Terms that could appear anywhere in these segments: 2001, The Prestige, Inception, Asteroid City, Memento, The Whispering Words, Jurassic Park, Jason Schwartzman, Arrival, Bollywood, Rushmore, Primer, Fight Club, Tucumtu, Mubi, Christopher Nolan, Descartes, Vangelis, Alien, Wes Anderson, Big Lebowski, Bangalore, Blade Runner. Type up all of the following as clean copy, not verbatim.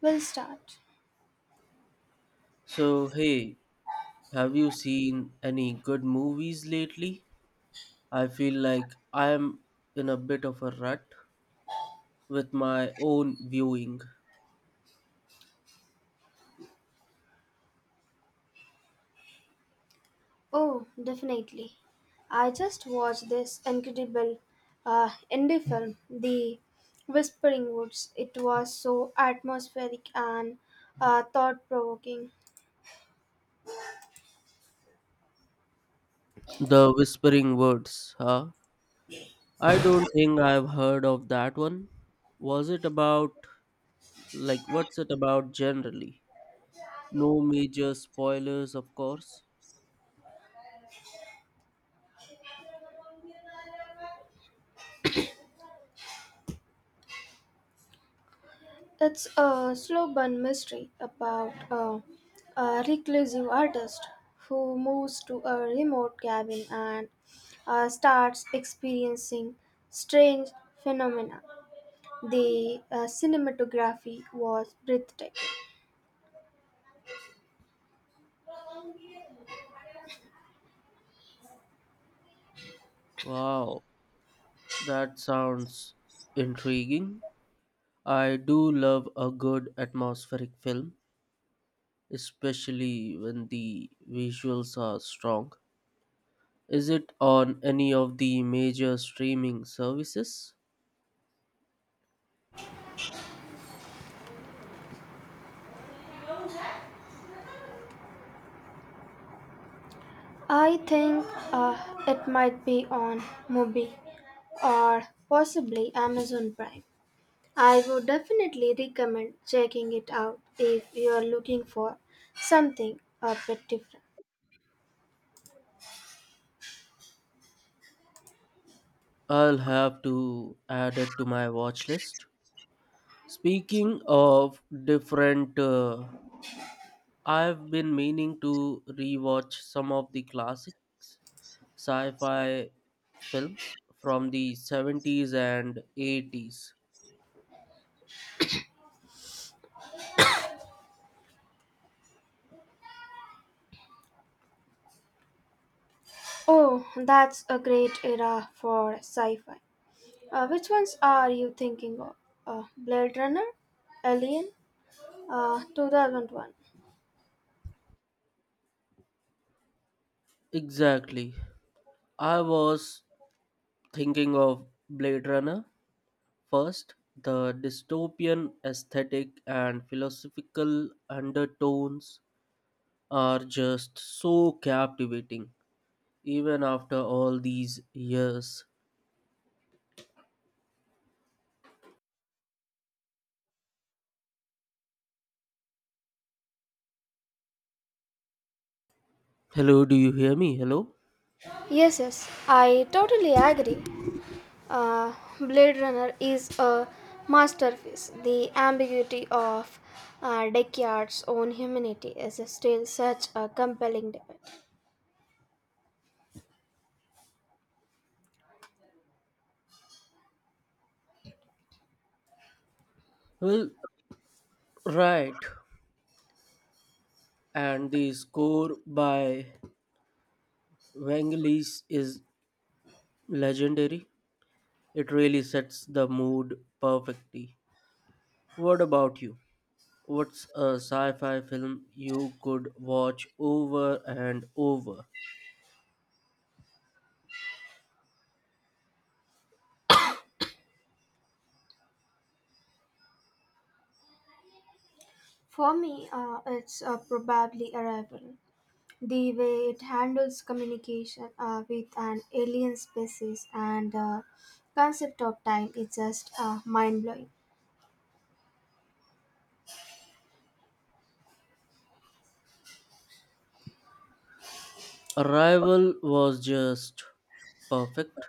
We'll start. So, hey, have you seen any good movies lately? I feel like I'm in a bit of a rut with my own viewing. Oh, definitely. I just watched this incredible indie film, The Whispering Woods. It was so atmospheric and thought provoking. The Whispering Words, huh? I don't think I've heard of that one. Was it about, like, what's it about generally? No major spoilers, of course. It's a slow burn mystery about a reclusive artist who moves to a remote cabin and starts experiencing strange phenomena. The cinematography was breathtaking. Wow, that sounds intriguing. I do love a good atmospheric film, especially when the visuals are strong. Is it on any of the major streaming services? I think uh, it might be on Mubi or possibly Amazon Prime. I would definitely recommend checking it out if you are looking for something a bit different. I'll have to add it to my watch list. Speaking of different, I've been meaning to rewatch some of the classics sci fi films from the 70s and 80s. Oh, that's a great era for sci fi. Which ones are you thinking of? Blade Runner? Alien? 2001. Exactly. I was thinking of Blade Runner first, the dystopian aesthetic and philosophical undertones are just so captivating, even after all these years. Hello, do you hear me? Hello? Yes, yes, I totally agree. Uh, Blade Runner is a masterpiece. The ambiguity of Descartes' own humanity is still such a compelling debate. Well, right. And the score by Vangelis is legendary. It really sets the mood perfectly. What about you? What's a sci fi film you could watch over and over? For me, it's probably Arrival. The way it handles communication with an alien species and the concept of time is just mind blowing. Arrival was just perfect.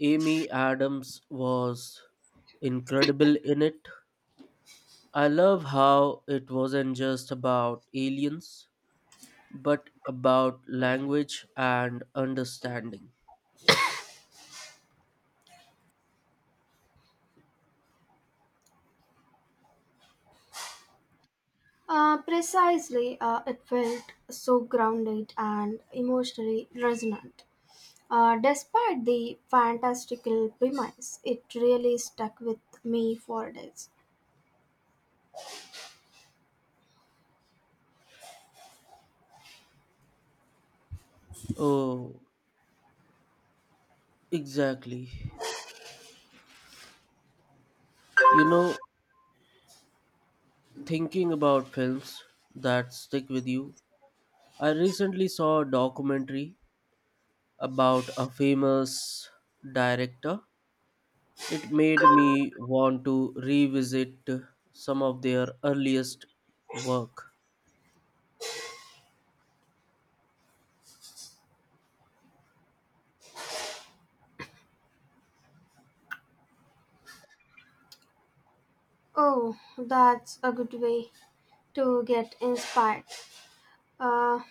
Amy Adams was incredible in it. I love how it wasn't just about aliens, but about language and understanding. Precisely, it felt so grounded and emotionally resonant. Despite the fantastical premise, it really stuck with me for days. Oh, exactly. You know, Thinking about films that stick with you, I recently saw a documentary about a famous director. It made me want to revisit some of their earliest work. Oh, that's a good way to get inspired. Uh,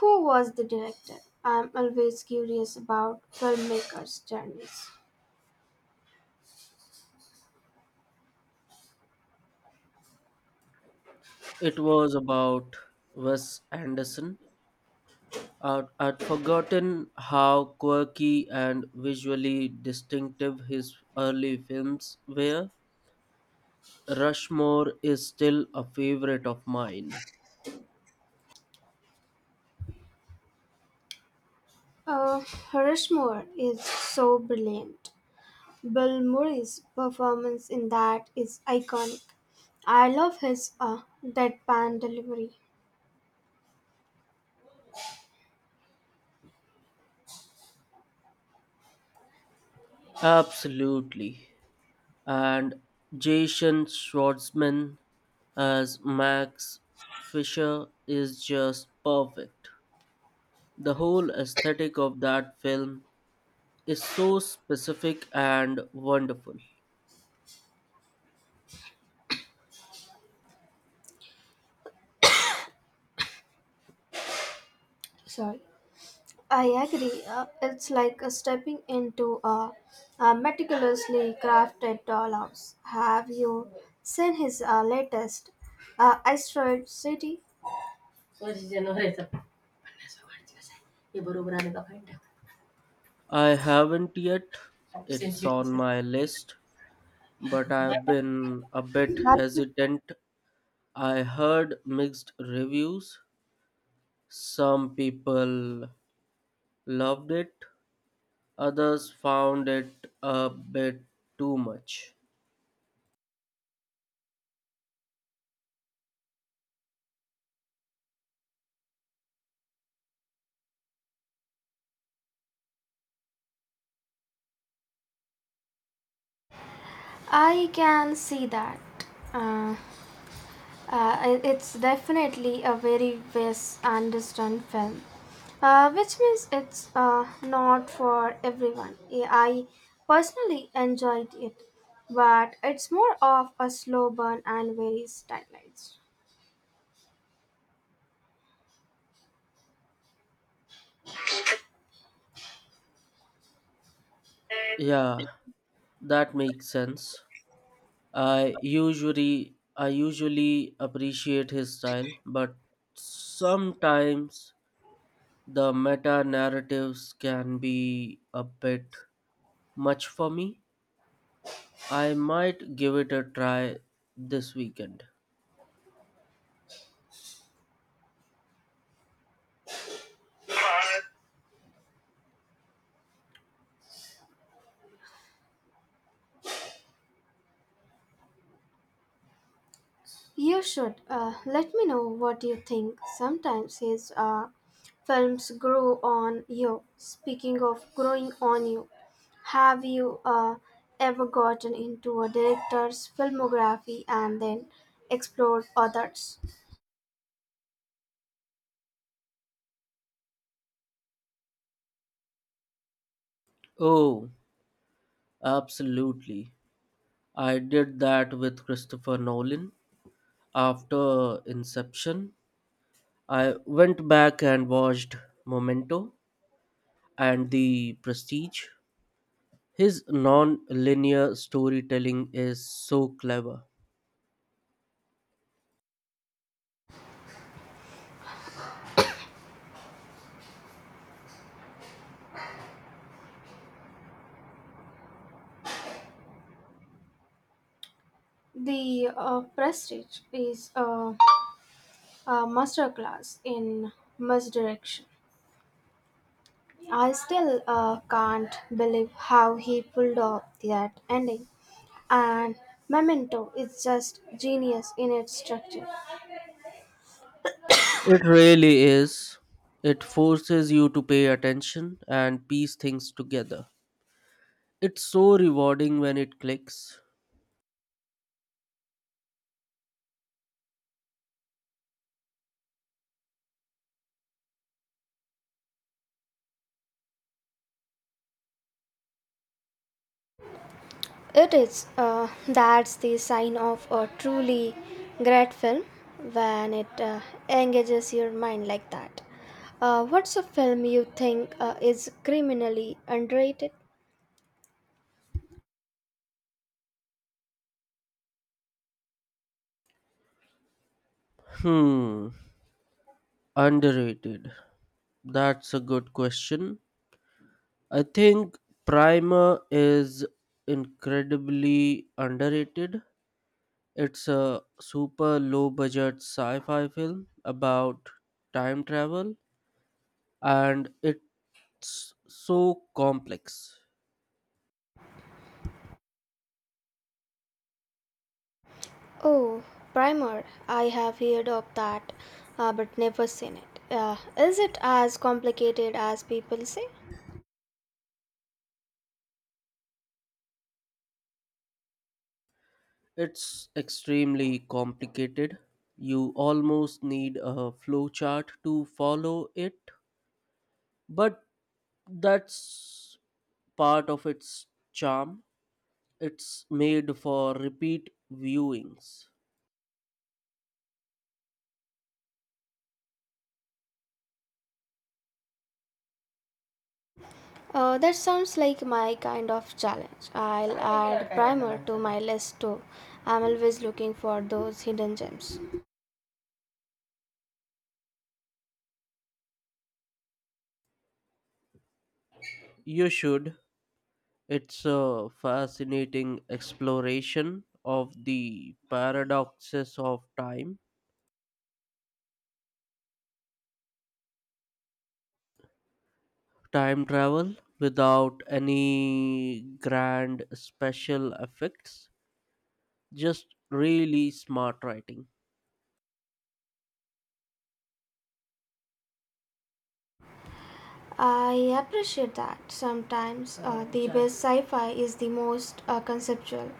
who was the director? I'm always curious about filmmakers' journeys. It was about Wes Anderson. I'd forgotten how quirky and visually distinctive his early films were. Rushmore is still a favorite of mine. Uh, Rushmore is so brilliant. Bill Murray's performance in that is iconic. I love his deadpan delivery. Absolutely. And Jason Schwartzman as Max Fisher is just perfect. The whole aesthetic of that film is so specific and wonderful. Sorry. I agree. It's like stepping into a meticulously crafted dollhouse. Have you seen his latest, Asteroid City? I haven't yet. It's on my list, but I've been a bit hesitant. I heard mixed reviews. Some people loved it, others found it a bit too much. I can see that. Uh, it's definitely a very misunderstood film, which means it's not for everyone. Yeah, I personally enjoyed it, but it's more of a slow burn and very stylized. Yeah, that makes sense. I usually appreciate his style, but sometimes the meta narratives can be a bit much for me. I might give it a try this weekend. You should let me know what you think. Sometimes his films grow on you. Speaking of growing on you, have you ever gotten into a director's filmography and then explored others? Oh, absolutely. I did that with Christopher Nolan. After Inception, I went back and watched Memento and The Prestige. His non linear storytelling is so clever. The Prestige is a masterclass in misdirection. I still can't believe how he pulled off that ending. And Memento is just genius in its structure. It really is. It forces you to pay attention and piece things together. It's so rewarding when it clicks. It is, that's the sign of a truly great film when it engages your mind like that. What's a film you think is criminally underrated? Hmm, underrated. That's a good question. I think Primer is incredibly underrated. It's a super low budget sci fi film about time travel, and it's so complex. Oh, Primer. I have heard of that, but never seen it. Is it as complicated as people say? It's extremely complicated. You almost need a flowchart to follow it, but that's part of its charm. It's made for repeat viewings. That sounds like my kind of challenge. I'll add Primer to my list too. I'm always looking for those hidden gems. You should. It's a fascinating exploration of the paradoxes of time travel without any grand special effects. Just really smart writing. I appreciate that. Sometimes the best sci fi is the most conceptual.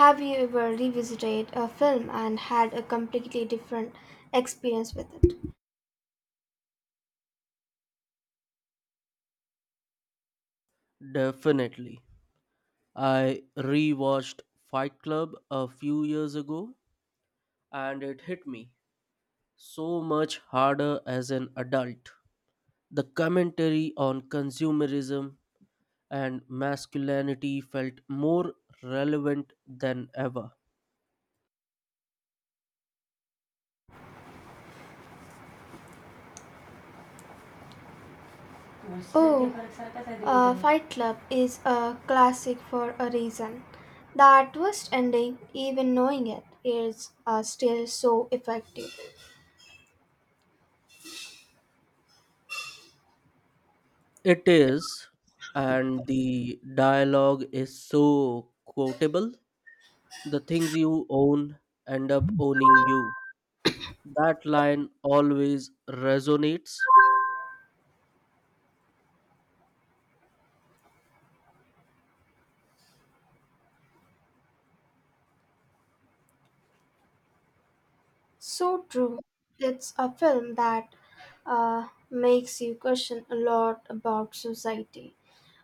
Have you ever revisited a film and had a completely different experience with it? Definitely. I rewatched Fight Club a few years ago and it hit me so much harder as an adult. The commentary on consumerism and masculinity felt more relevant than ever. Oh, Fight Club is a classic for a reason. That twist ending, even knowing it, is still so effective. It is, and the dialogue is so quotable. The things you own end up owning you. That line always resonates. So true. It's a film that makes you question a lot about society.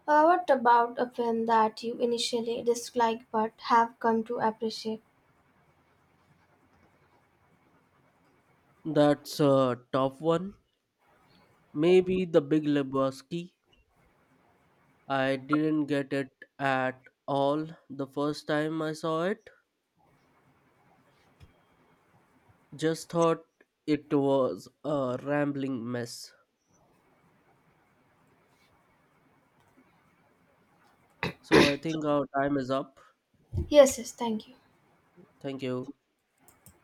What about a film that you initially disliked but have come to appreciate? That's a top one. Maybe the Big Lebowski. I didn't get it at all the first time I saw it. Just thought it was a rambling mess. So I think our time is up. Yes, yes, thank you. Thank you.